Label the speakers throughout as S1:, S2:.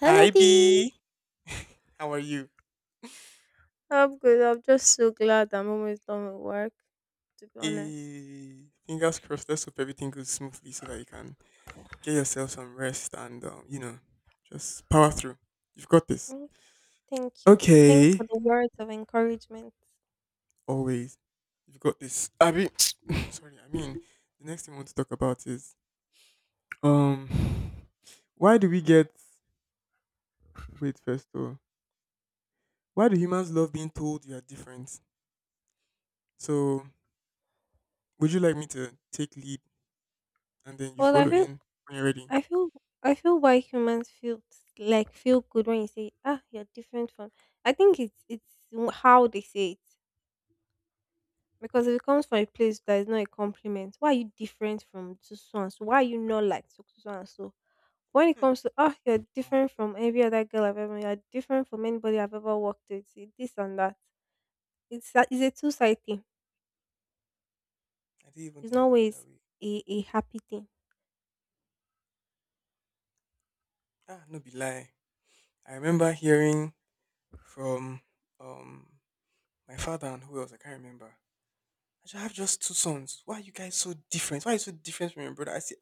S1: Hello,
S2: Hi
S1: Dee.
S2: B, how are you?
S1: I'm good. I'm just so glad I'm almost done with work, to be honest.
S2: Eh, fingers crossed. Let's hope everything goes smoothly so that you can get yourself some rest and just power through. You've got this.
S1: Oh, thank you. Thanks for
S2: Okay,
S1: the words of encouragement.
S2: always. You've got this. Sorry. I mean, the next thing I want to talk about is um, why do we get wait first though? Why do humans love being told you are different? So would you like me to take lead and then you
S1: Well, I
S2: follow
S1: feel,
S2: in when you're ready?
S1: I feel, I feel why humans feel feel good when you say, "Ah, you're different from." I think it's how they say it, because if it comes from a place that is not a compliment, why are you different from so so and so? Why are you not like so so so and so? When it
S2: Hmm.
S1: comes to, oh, you're
S2: Mad.
S1: different from every other girl I've ever met, you're different from anybody I've ever worked with, this and that. It's a two side thing.
S2: I didn't even
S1: It's not
S2: think of it that
S1: always
S2: way.
S1: a happy thing.
S2: Ah, no be lie. I remember hearing from um my father and who else I can't remember. I just have just two sons. Why are you guys so different? Why are you so different from your brother? I said,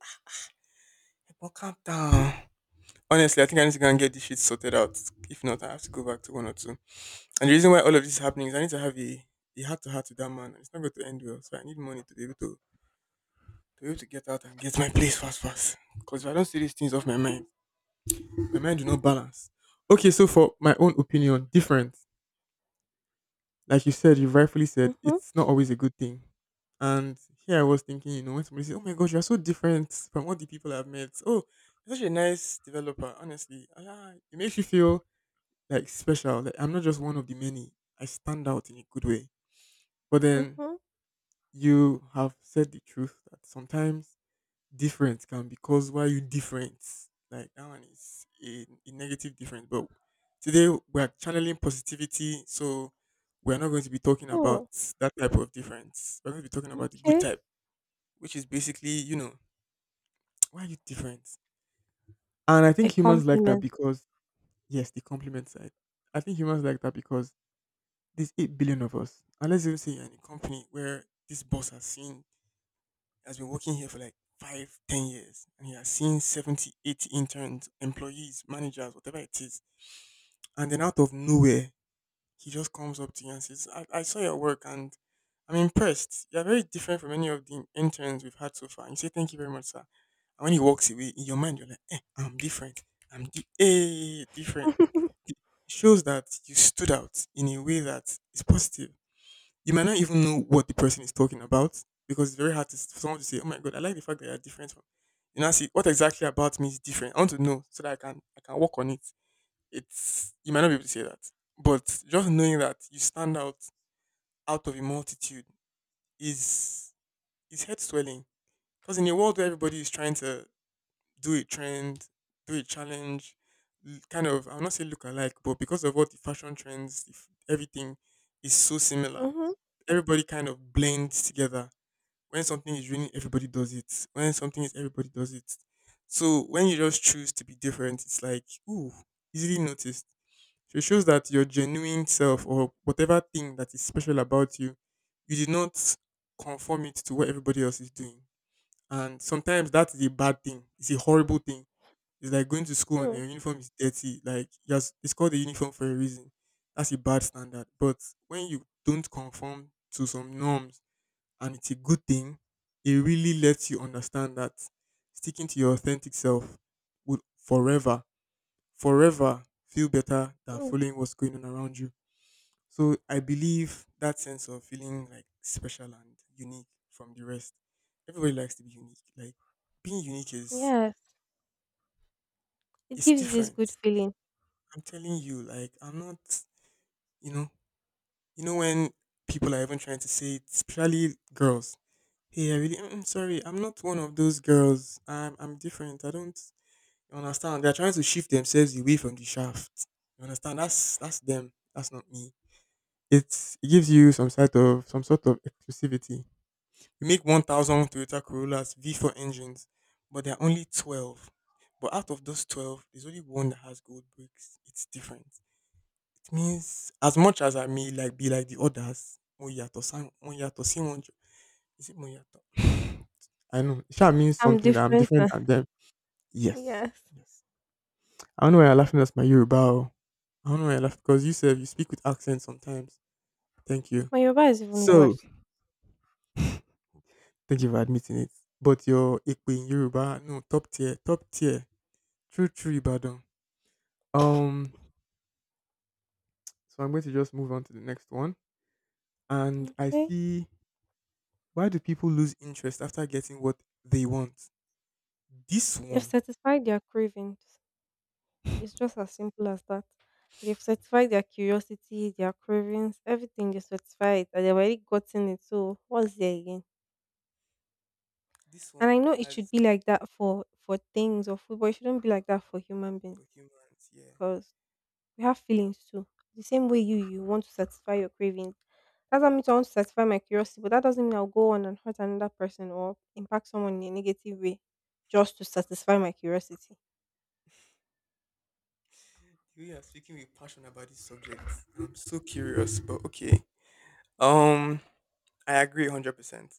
S2: ah, but calm down. Honestly, I think I need to go and get this shit sorted out. If not, I have to go back to one or two. And the reason why all of this is happening is I need to have a heart to heart with that man. It's not going to end well. So I need money to be able to be able to get out and get my place fast fast. Because if I don't see these things off my mind do not balance. Okay, so for my own opinion, different. Like you said, you rightfully said,
S1: Mm-hmm.
S2: it's not always a good thing. And here I was thinking, you know, when somebody says, "Oh my God, you're so different from all the people I've met." Oh, you're such a nice developer. Honestly, ah, it makes you feel like special. Like I'm not just one of the many. I stand out in a good way. But then
S1: Mm-hmm.
S2: you have said the truth that sometimes different can be caused why you different. Like that one is a negative difference. But today we're channeling positivity, so we're not going to be talking about
S1: Mm.
S2: that type of difference. We're going to be talking about the good
S1: Okay.
S2: type, which is basically, you know, why are you different? And I
S1: A
S2: think humans like that
S1: compliment.
S2: because yes, the compliment side. I think humans like that because there's 8 billion of us. And let's even say you're in a company where this boss has seen has been working here for like 5, 10 years, and he has seen 70, 80 interns, employees, managers, whatever it is. And then out of nowhere, he just comes up to you and says, I saw your work and I'm impressed. You're very different from any of the interns we've had so far. And you say, thank you very much, sir. And when he walks away, in your mind, you're like, eh, I'm different. Different.
S1: Mm-hmm.
S2: It shows that you stood out in a way that is positive. You might not even know what the person is talking about because it's very hard for someone to say, "Oh my god, I like the fact that you're different." From, you know, see what exactly about me is different. I want to know so that I can work on it. It's you might not be able to say that, but just knowing that you stand out out of a multitude is is head swelling. Because in a world where everybody is trying to do a trend, do a challenge, kind of I'll not say look alike, but because of all the fashion trends, if everything is so similar, everybody kind of blends together when something is raining, everybody does it. When something is everybody does it. So when you just choose to be different, it's like ooh, easily noticed. So it shows that your genuine self or whatever thing that is special about you, you did not conform it to what everybody else is doing. And sometimes that is a bad thing. It's a horrible thing. It's like going to school and
S1: Mm.
S2: your uniform is dirty. Like yes, it's called a uniform for a reason. That's a bad standard. But when you don't conform to some norms and it's a good thing, it really lets you understand that sticking to your authentic self would forever, forever feel better than
S1: Mm.
S2: following what's going on around you. So I believe that sense of feeling like special and unique from the rest. Everybody likes to be unique. Like being unique is
S1: Yes, it
S2: is
S1: gives you this good
S2: different.
S1: feeling.
S2: I'm telling you, like I'm not you know you know when people are even trying to say it, especially girls, hey, I really, I'm sorry. I'm not one of those girls. I'm different. I don't you understand. They're trying to shift themselves away from the shaft. You understand? That's them. That's not me. It's, it gives you some sort of exclusivity. We make 1,000 Toyota Corollas V4 engines, but there are only 12. But out of those 12, there's only one that has gold bricks. It's different. It means as much as I may like be like the others, mo yàtọ̀ sí wọn is it Moyato? I know. Sha means
S1: I'm
S2: something that I'm
S1: different
S2: different
S1: now.
S2: than them. Yes.
S1: Yes.
S2: Yes. I don't know why you're laughing at my Yoruba. Oh. I don't know why you're laughing because you said you speak with accent sometimes. Thank you.
S1: My Yoruba is even
S2: So,
S1: worse.
S2: thank you for admitting it. But your Ikpe in Yoruba, no, top tier, top tier. True, true Ibadan. Um, so I'm going to just move on to the next one. And I
S1: Okay.
S2: see why do people lose interest after getting what they want? This
S1: You've
S2: one.
S1: satisfied their cravings. It's just as simple as that. They've satisfied their curiosity, their cravings, everything they satisfied it, and they've already gotten it. So what's there again?
S2: This
S1: And
S2: one
S1: I know it should
S2: has
S1: be like that for things or food, but it shouldn't be like that for human
S2: for
S1: beings,
S2: humans, yeah.
S1: because we have feelings too. The same way you want to satisfy your cravings, that's how me too, I want to satisfy my curiosity, but that doesn't mean I'll go on and hurt another person or impact someone in a negative way just to satisfy my curiosity.
S2: The way you are speaking with passion about this subject, I'm so curious. But okay, um, I agree 100%.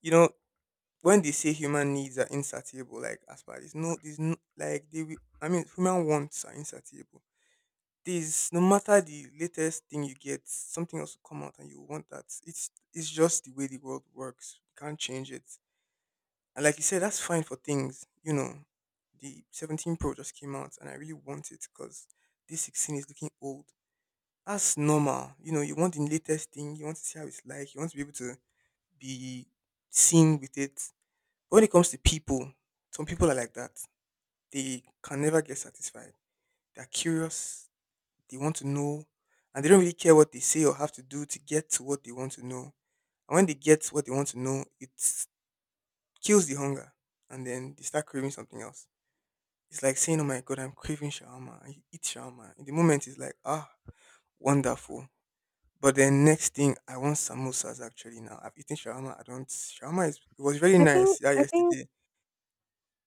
S2: You know, when they say human needs are insatiable, like as far as no, there's no like they. Will- I mean, human wants are insatiable. There's no matter the latest thing you get, something else will come out and you will want that. It's just the way the world works. You can't change it. And like you said, that's fine for things. You know, the 17 Pro just came out and I really want it because this 16 is looking old. That's normal. You know, you want the latest thing, you want to see how it's like, you want to be able to be seen with it. But when it comes to people, some people are like that. They can never get satisfied. They're curious, they want to know, and they don't really care what they say or have to do to get to what they want to know. And when they get what they want to know, it kills the hunger. And then they start craving something else. It's like saying, oh my god, I'm craving shawarma. I eat shawarma. In the moment, it's like, ah, wonderful. But then next thing, I want samosas actually now. I've eaten shawarma. I don't. Shawarma is, it was very
S1: I think
S2: nice yeah,
S1: I think
S2: yesterday.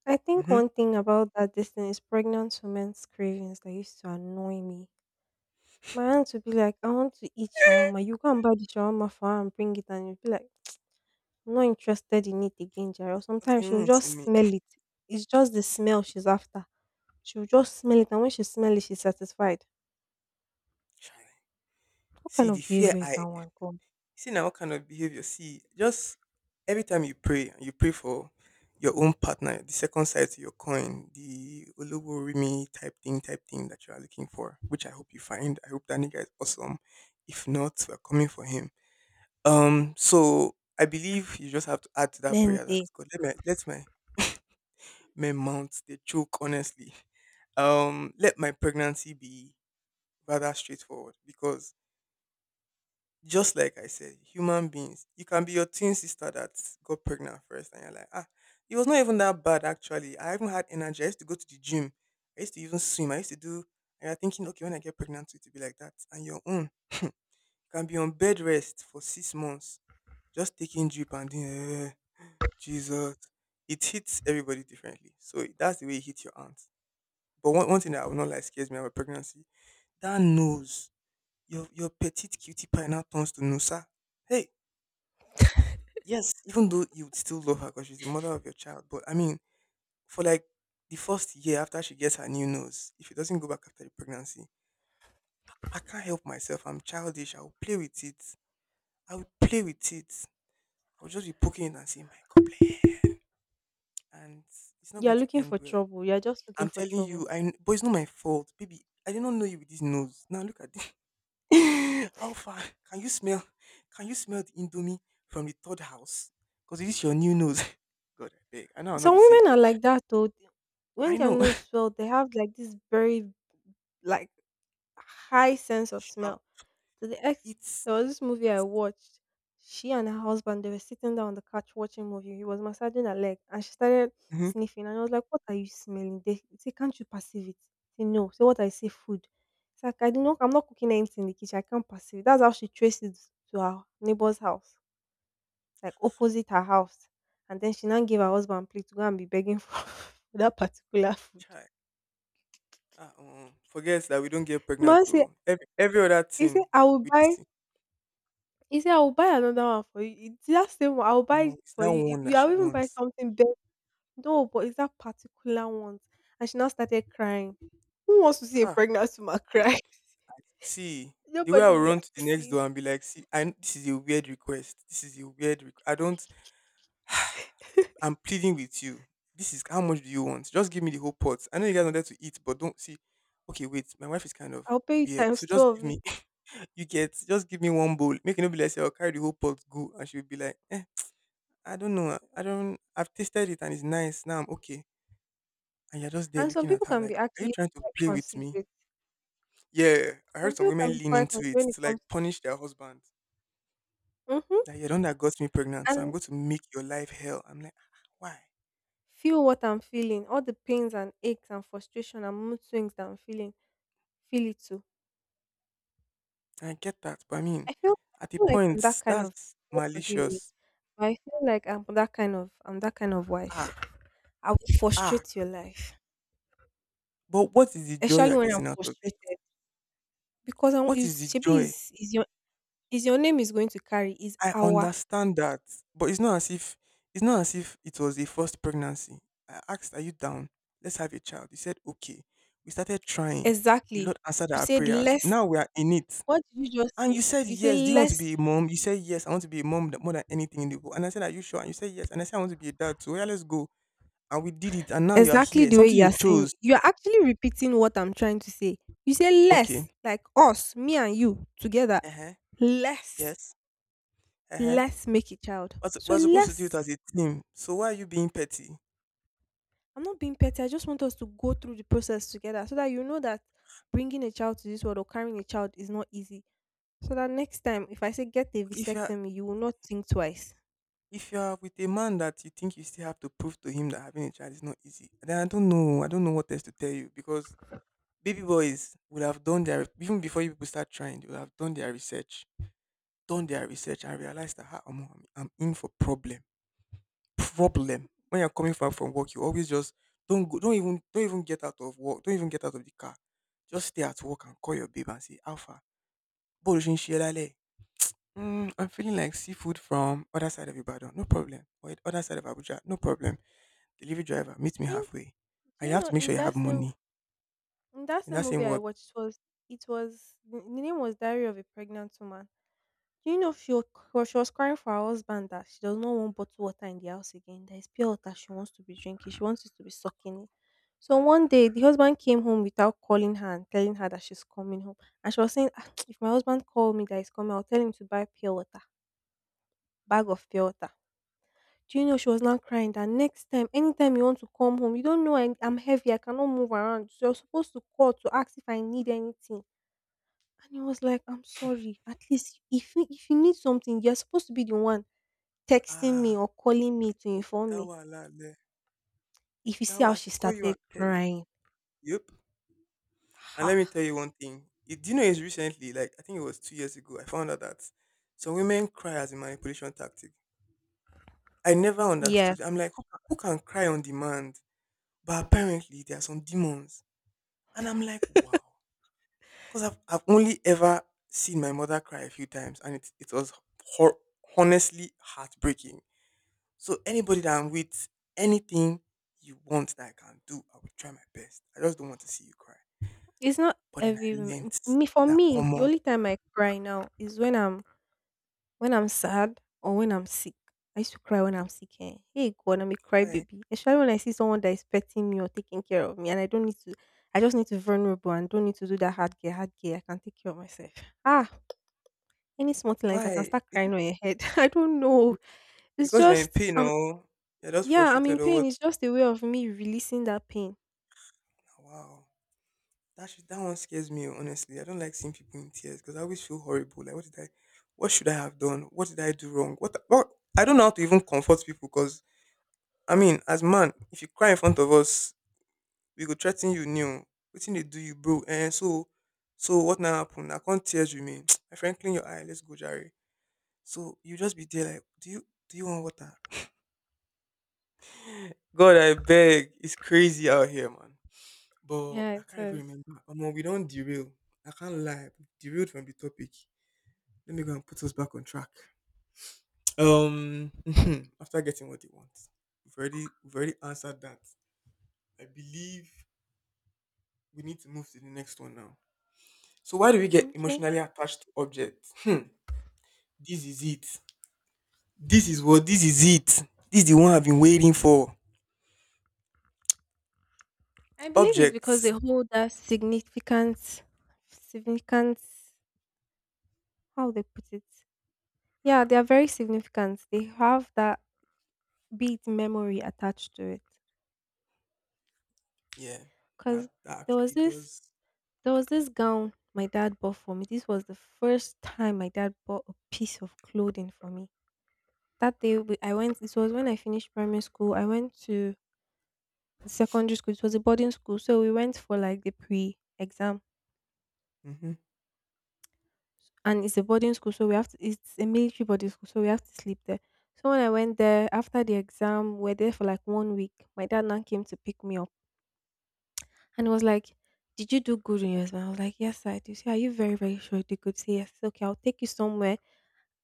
S1: I think
S2: Mm-hmm.
S1: one thing about that distance is pregnant women's cravings that used to annoy me. My aunt would be like, "I want to eat shawarma." You go and buy the shawarma for her and bring it, and you'd be like, "I'm not interested in it again, Jerry." Or
S2: But you
S1: sometimes she'll
S2: won't see
S1: just
S2: me.
S1: smell it. It's just the smell she's after. She'll just smell it, and when she smells it, she's satisfied.
S2: Chai.
S1: What
S2: See
S1: kind
S2: the
S1: of
S2: fear
S1: behavior is that
S2: I
S1: one called?
S2: see now. What kind of behavior? See, just every time you pray for your own partner, the second side to your coin, the Oluworimi type thing that you are looking for, which I hope you find. I hope that nigga is awesome. If not, we're coming for him. So I believe you just have to add to that
S1: Men
S2: prayer that
S1: day.
S2: God let me let my men mount they choke honestly let my pregnancy be rather straightforward because just like I said, human beings, you can be your twin sister that got pregnant first and you're like ah, it was not even that bad actually, I haven't had energy, I used to go to the gym, I used to even swim, I used to do, and you're thinking okay when I get pregnant it will be like that, and your own can be on bed rest for 6 months just taking drip and then jesus it hits everybody differently, so that's the way it hits your aunt. But one thing that I would not like scares me about pregnancy, that nose, your petite cutie pie now turns to Nusa. Hey, yes, even though you would still love her because she's the mother of your child, but I mean, for like the 1st year after she gets her new nose, if it doesn't go back after the pregnancy, I can't help myself. I'm childish. I will play with it. I will just be poking it and saying, "My God, bless," and it's not
S1: You're
S2: going to
S1: looking
S2: end
S1: for
S2: well.
S1: trouble. You're just looking
S2: I'm
S1: for
S2: telling
S1: trouble.
S2: you, but it's not my fault, baby. I did not know you with this nose. Now look at this. How far? Can you smell? Can you smell the indomie from the third house? Because it is your new nose. God, I beg. I know I'll not
S1: Some
S2: be safe.
S1: women are like that though. When
S2: I
S1: their
S2: know.
S1: nose swell, they have like this very, like, high sense of smell.
S2: Sharp.
S1: To the ex,
S2: It's
S1: there was this movie I watched. She and her husband, they were sitting down on the couch watching movie. He was massaging her leg, and she started
S2: mm-hmm.
S1: sniffing. And I was like, "What are you smelling?" They say, "Can't you perceive it?" Say, "No." Say, "What I say, food." It's like I do not. I'm not cooking anything in the kitchen. I can't perceive it. That's how she traced it to her neighbor's house, like opposite her house. And then she now gave her husband plate to go and be begging for that particular.
S2: child. Forgets that we don't get
S1: The
S2: pregnant
S1: man say,
S2: to every other
S1: "He say
S2: thing
S1: I will
S2: with this
S1: buy."
S2: thing.
S1: He said, "I will buy another one for you." "It's that same one. I will buy
S2: No,
S1: it
S2: it's
S1: for
S2: that
S1: you. If
S2: one
S1: you,
S2: that she
S1: I'll even buy
S2: wants.
S1: something better." "No, but it's that particular one." And she now started crying. Who wants to see a
S2: Ah,
S1: pregnant woman cry?
S2: I see. The way I
S1: Nobody
S2: will
S1: would
S2: run to
S1: like
S2: the
S1: to
S2: next
S1: see it.
S2: door and be like, see, I, this is a weird request. This is a weird request. I don't. I'm pleading with you. This is how much do you want? Just give me the whole pot. I know you guys wanted to eat, but don't see. Okay, wait. My wife is kind of
S1: I'll pay you
S2: weird,
S1: times
S2: so
S1: two
S2: just give
S1: of
S2: me.
S1: it.
S2: You get. Just give me one bowl. Make it no be like say I'll carry the whole pot. Go, and she'll be like, eh, I don't know. I don't. I've tasted it and it's nice. Now I'm okay. And you're just there
S1: And some
S2: looking at
S1: people
S2: her
S1: can
S2: like,
S1: be
S2: are you
S1: actually
S2: trying to
S1: quite
S2: play with me?
S1: considerate.
S2: Yeah, I
S1: Some
S2: heard some
S1: people can
S2: women
S1: be
S2: lean
S1: quite
S2: into
S1: considerate
S2: it
S1: when it
S2: to like
S1: comes,
S2: punish their husband.
S1: mhm,
S2: That you're the one that got me pregnant, so I'm
S1: and
S2: going to make your life hell. I'm like, "Ah, why?
S1: feel what I'm feeling, all the pains and aches and frustration and mood swings that I'm feeling. Feel it too.
S2: I get that, but I mean,
S1: I feel I
S2: at a
S1: feel like I'm that
S2: point,
S1: kind of,
S2: that's
S1: God forgive me.
S2: malicious.
S1: But I feel like I'm that kind of wife.
S2: Ah,
S1: I will
S2: ah.
S1: frustrate your life,
S2: But what is the joy
S1: especially
S2: you're
S1: when I'm
S2: getting out of it?
S1: frustrated, because I want
S2: What
S1: you.
S2: is the
S1: Shebi
S2: joy?
S1: is your, is your name is going to carry, is
S2: I
S1: our
S2: understand that, but it's not as if it was a first pregnancy. I asked, "Are you down? Let's have a child." He said, "Okay." We started trying. The
S1: exactly.
S2: Lord answered
S1: You
S2: our
S1: said
S2: prayers.
S1: less.
S2: Now we are in it.
S1: What did you just
S2: And
S1: say?
S2: you said
S1: You say
S2: yes. Do you want to
S1: less
S2: be a mom? You said yes. I want to be a mom more than anything in the world. And I said, "Are you sure?" And you said yes. And I said, "I want to be a dad too." Yeah, let's go. And we did it. And now you are
S1: exactly
S2: here.
S1: the way
S2: Something
S1: you
S2: you
S1: are saying.
S2: chose.
S1: You are actually repeating what I'm trying to say. You say less,
S2: Okay.
S1: like us, me and you together.
S2: Uh-huh.
S1: Less,
S2: Yes. Uh-huh.
S1: less make a child.
S2: But
S1: So
S2: we're supposed to do it
S1: less.
S2: as a team. So why are you being petty?
S1: I'm not being petty. I just want us to go through the process together, so that you know that bringing a child to this world or carrying a child is not easy. So that next time, if I say get a
S2: If you're
S1: vasectomy, you will not think twice.
S2: if you're with a man that you think you still have to prove to him that having a child is not easy, then I don't know. I don't know what else to tell you because baby boys would have done their even before you people start trying, they would have done their research and realized that ah, omo, I'm in for problem. Problem. When you're coming back from work, you always just don't go, don't even get out of work, don't even get out of the car. Just stay at work and call your babe and say, Alpha, Bó ṣe ń "Mm, I'm feeling like seafood from other side of Ibadan." "No problem." "Or other side of Abuja." "No problem." "Delivery driver, meet me
S1: Do you,
S2: halfway." And
S1: do
S2: you
S1: you
S2: have
S1: know
S2: to make
S1: in
S2: sure you
S1: that
S2: have
S1: same
S2: money.
S1: in that
S2: In
S1: same
S2: that same
S1: movie I
S2: word.
S1: watched? It was, it was the name was Diary of a Pregnant Woman. Do you know she was, she was crying for her husband that she does not want bottled water in the house again? There is pure water she wants to be drinking. She wants it to be sucking it. So one day, the husband came home without calling her and telling her that she's coming home. And she was saying, "Ah, if my husband called me that he's coming, I'll tell him to buy pure water, bag of pure water." Do you know she was now crying that next time, anytime you want to come home, you don't know, I, I'm heavy, I cannot move around, so you're supposed to call to ask if I need anything. And he was like, "I'm sorry. At least if you need something, you're supposed to be the one texting
S2: Ah,
S1: me or calling me to
S2: o ti
S1: inform
S2: dá
S1: me."
S2: lẹ̀.
S1: If you see
S2: O
S1: how
S2: I
S1: she
S2: should call you and
S1: started
S2: tell you.
S1: crying,
S2: Yep. And let
S1: ha,
S2: me tell you one thing. It, do you know it's recently, like I think it was 2 years ago, I found out that some women cry as a manipulation tactic. I never
S1: yeah,
S2: understood. I'm like, who can cry on demand? But apparently there are some demons. And I'm like, wow. 'Cause I've only ever seen my mother cry a few times, and it was hor honestly heartbreaking. So anybody that I'm with, anything you want that I can do, I will try my best. I just don't want to see you cry.
S1: it's not
S2: But then I
S1: every woman.
S2: learnt
S1: Me, for
S2: that,
S1: me, the
S2: omo,
S1: only time I cry now is when I'm sad or when I'm sick. I used to cry when I'm sick. Eh? Hey God, I'm a cry
S2: why
S1: baby. Especially when I see someone that is petting me or taking care of me, and I don't need to. I just need to vulnerable and don't need to do that hard care, hard care. I can take care of myself. Ah, any small thing like that, I can
S2: why?
S1: start
S2: Is it
S1: crying on your head. I don't know.
S2: be
S1: It's
S2: because you're in
S1: just
S2: pain
S1: I'm,
S2: or you're just
S1: yeah, I'm
S2: frustrated
S1: in
S2: or what?
S1: pain. It's just a way of me releasing that pain.
S2: Nah, wow, that one scares me oh, honestly. I don't like seeing people in tears because I always feel horrible. Like, what did I what should I have done? What did I do wrong? What I don't know how to even comfort people because. I mean, as man, if you cry in front of us, we go threaten you new. Wetin they do you, bro? And so, so what now happen? I can't tears with me. My friend, clean your eye. Let's go, Jerry. So you just be there like, do you want water? God, I beg. It's crazy out here, man. But
S1: Yeah,
S2: I
S1: it
S2: can't even
S1: is.
S2: remember. Omo, we don't derail. I can't lie. We derailed from the topic. Let me go and put us back on track. Um, after getting what they want, we've already answered that. I believe we need to move to the next one now. So why do we get
S1: Okay.
S2: emotionally attached to objects? Hmm. This is it. This is it. This is the one I've been waiting for.
S1: I believe it's because
S2: Objects.
S1: they hold that significant, significant, how they put it. Yeah, they are very significant. They have that beat memory attached to it.
S2: Yeah.
S1: Cause
S2: That that
S1: there was
S2: actually
S1: this,
S2: does.
S1: there was this gown my dad bought for me. This was the first time my dad bought a piece of clothing for me. I went. It was when I finished primary school. I went to the secondary school. It was a boarding school, so we went for like the pre-exam,
S2: Mm-hmm.
S1: and it's a boarding school, so we have to. It's a military boarding school, so we have to sleep there. So when I went there after the exam, we are there for like one week. My dad now came to pick me up, and he was like, "Did you do good in your exam?" I was like, "Yes, I did." He said, "Are you very very sure you did good?" Say yes. "Okay, I'll take you somewhere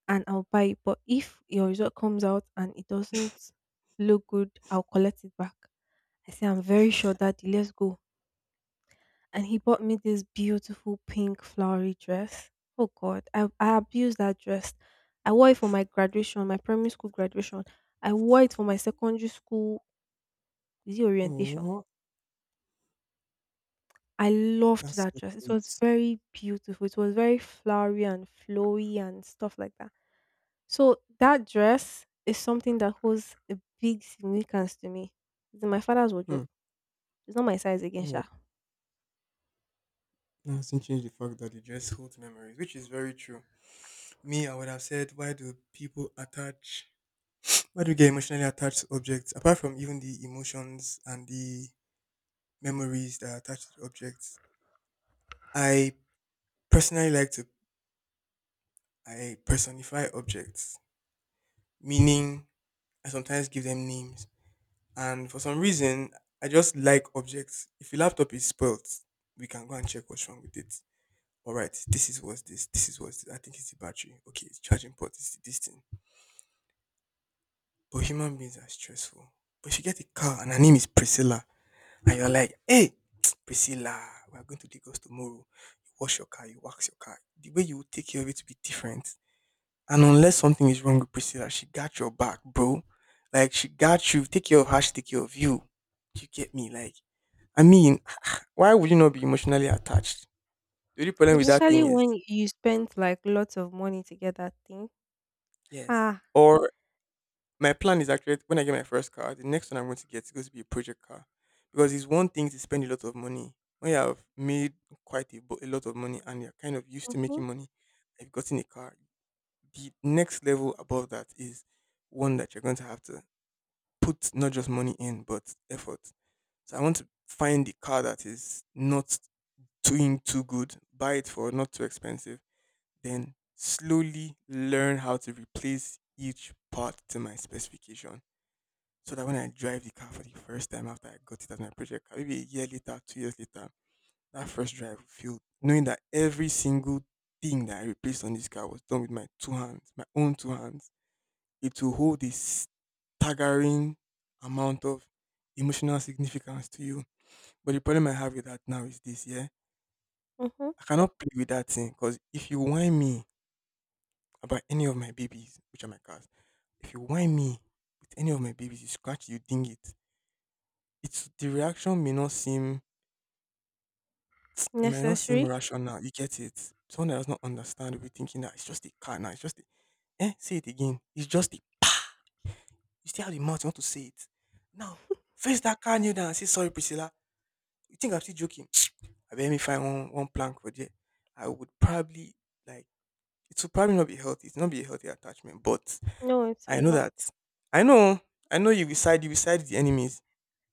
S1: and I'll buy it. But if your result comes out and it doesn't look good, I'll collect it back." I say, "I'm very sure, Daddy, let's go." And he bought me this beautiful pink flowery dress. Oh God, I abused that dress. I wore it for my graduation, my primary school graduation. I wore it for my secondary school, is it orientation.
S2: Oh,
S1: I loved
S2: that's
S1: that
S2: so
S1: dress. It was
S2: cute.
S1: very beautiful. It was very flowery and flowy and stuff like that. So that dress is something that holds a big significance to me. It's in my father's wardrobe.
S2: Hmm.
S1: It's not my size again,
S2: Oh,
S1: Sha.
S2: that doesn't change the fact that it just holds memories, which is very true. Me, I would have said, why do people attach? Why do we get emotionally attached to objects? Apart from even the emotions and the memories that are attached to the objects, I personally like to I personify objects, meaning I sometimes give them names. And for some reason, I just like objects. If your laptop is spoilt, we can go and check what's wrong with it. All right, This is what's this. I think it's the battery. Okay, it's charging port. It's this thing. But human beings are stressful. But if you get a car and her name is Priscilla, and you're like, hey, Priscilla, we're going to Lagos tomorrow. You wash your car, you wax your car. The way you take care of it will be different. And unless something is wrong with Priscilla, she got your back, bro. Like she got you. Take care of her, she take care of you. Do you get me? Like, I mean, why would you not be emotionally attached? The only problem with that
S1: Especially
S2: thing is
S1: when you spend like lots of money to get that thing.
S2: yes.
S1: Ha.
S2: Or my plan is actually when I get my first car, the next one I'm going to get is going to be a project car. Because it's one thing to spend a lot of money. When you have made a lot of money and you're kind of used to
S1: Mhm.
S2: making money, I've gotten a car. The next level above that is one that you're going to have to put not just money in, but effort. So I want to find the car that is not doing too good, buy it for not too expensive, then slowly learn how to replace each part to my specification. So that when I drive the car for the first time after I got it as my project car, maybe a year later, 2 years later, that first drive will feel knowing that every single thing that I replaced on this car was done with my two hands, my own two hands. It will hold this staggering amount of emotional significance to you. But the problem I have with that now is this, yeah.
S1: Mhm.
S2: I cannot play with that thing because if you whine me about any of my babies, which are my cats, if you whine me with any of my babies, you scratch, you ding it. It's the reaction may not seem it might not seem
S1: Necessary?
S2: rational. You get it. Someone that does not understand will be thinking that it's just a cat now, it's just a eh, say it again. It's just a you still have the mouth, you want to say it. Now, face that car kneel down and say sorry, Priscilla. You think I'm still joking? I bet me find one plank for there, I would probably like it would probably not be healthy. It's not be a healthy attachment, but
S1: No, it
S2: I
S1: is
S2: know
S1: not.
S2: that I know I know you beside the enemies.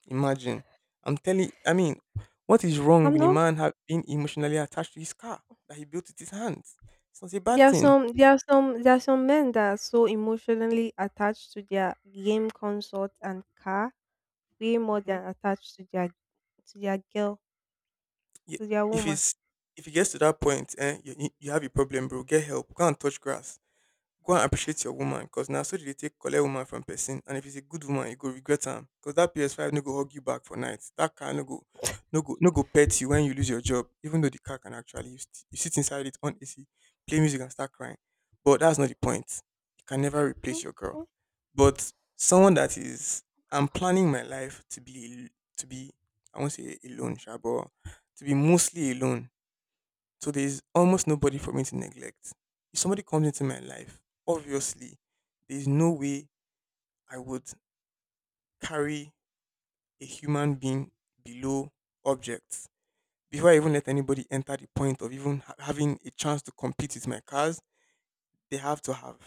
S2: Imagine I'm telling. I mean, what is wrong
S1: I'm
S2: with a
S1: not.
S2: man have being emotionally attached to his car that he built with his hands? It's not a bad
S1: There are
S2: thing.
S1: some. There are some. There are some men that are so emotionally attached to their game consort and car, way more
S2: Hmm.
S1: than attached to their, to their girl,
S2: Yeah,
S1: to their
S2: if
S1: woman.
S2: it's if it gets to that point, eh, you have a problem, bro. Get help. Go and touch grass. Go and appreciate your woman because now so they dey take collect woman from person. And if it's a good woman, you go regret am because that PS5 no go hug you back for night. That car no go, no go pet you when you lose your job. Even though the car can actually, you sit inside it on AC, play music and start crying. But that's not the point. You can never replace your girl.
S1: Okay.
S2: But someone that is, I'm planning my life to be, I won't say alone, sha, but to be mostly alone so there's almost nobody for me to neglect. If somebody comes into my life, obviously, there's no way I would carry a human being below objects before I even let anybody enter the point of even having a chance to compete with my cars they have to have,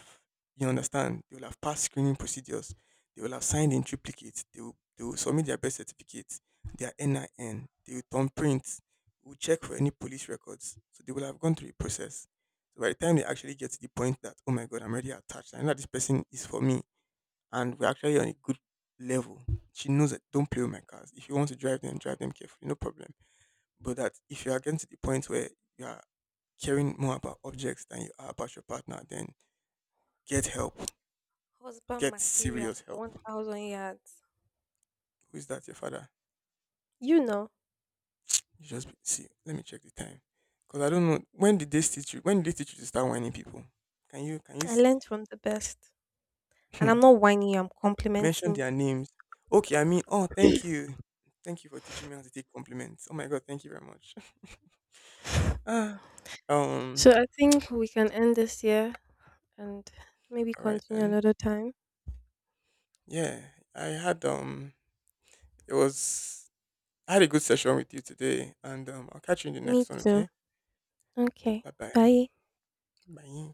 S2: you understand, they will have passed screening procedures, they will have signed in triplicate, they will submit their birth certificates, their NIN, they will thumbprint, we will check for any police records. So they will have gone through the process. So by the time they actually get to the point that, oh my God, I'm already attached, I know that this person is for me, and we're actually on a good level. She knows that don't play with my cars. If you want to drive them carefully, no problem. But that if you are getting to the point where you are caring more about objects than you are about your partner, then get help.
S1: Husband
S2: Get
S1: material,
S2: serious help.
S1: 1,000 yards.
S2: Who is that? Your father?
S1: You know,
S2: You just be- see. Let me check the time. Cause I don't know when did they teach you. When did they teach you to start whining people? Can you
S1: I
S2: s-
S1: learned from the best, and I'm not whining you, I'm
S2: mention
S1: complimenting.
S2: their names? Okay, I mean, thank you for teaching me how to take compliments. Oh my god, thank you very much. Ah, um,
S1: So I think we can end this here, and maybe
S2: all right
S1: continue
S2: then.
S1: another time.
S2: Yeah, I had it was I had a good session with you today, and I'll catch you in the
S1: Me
S2: next one.
S1: too.
S2: Okay,
S1: Okay.
S2: bye bye.
S1: Bye.
S2: Bye.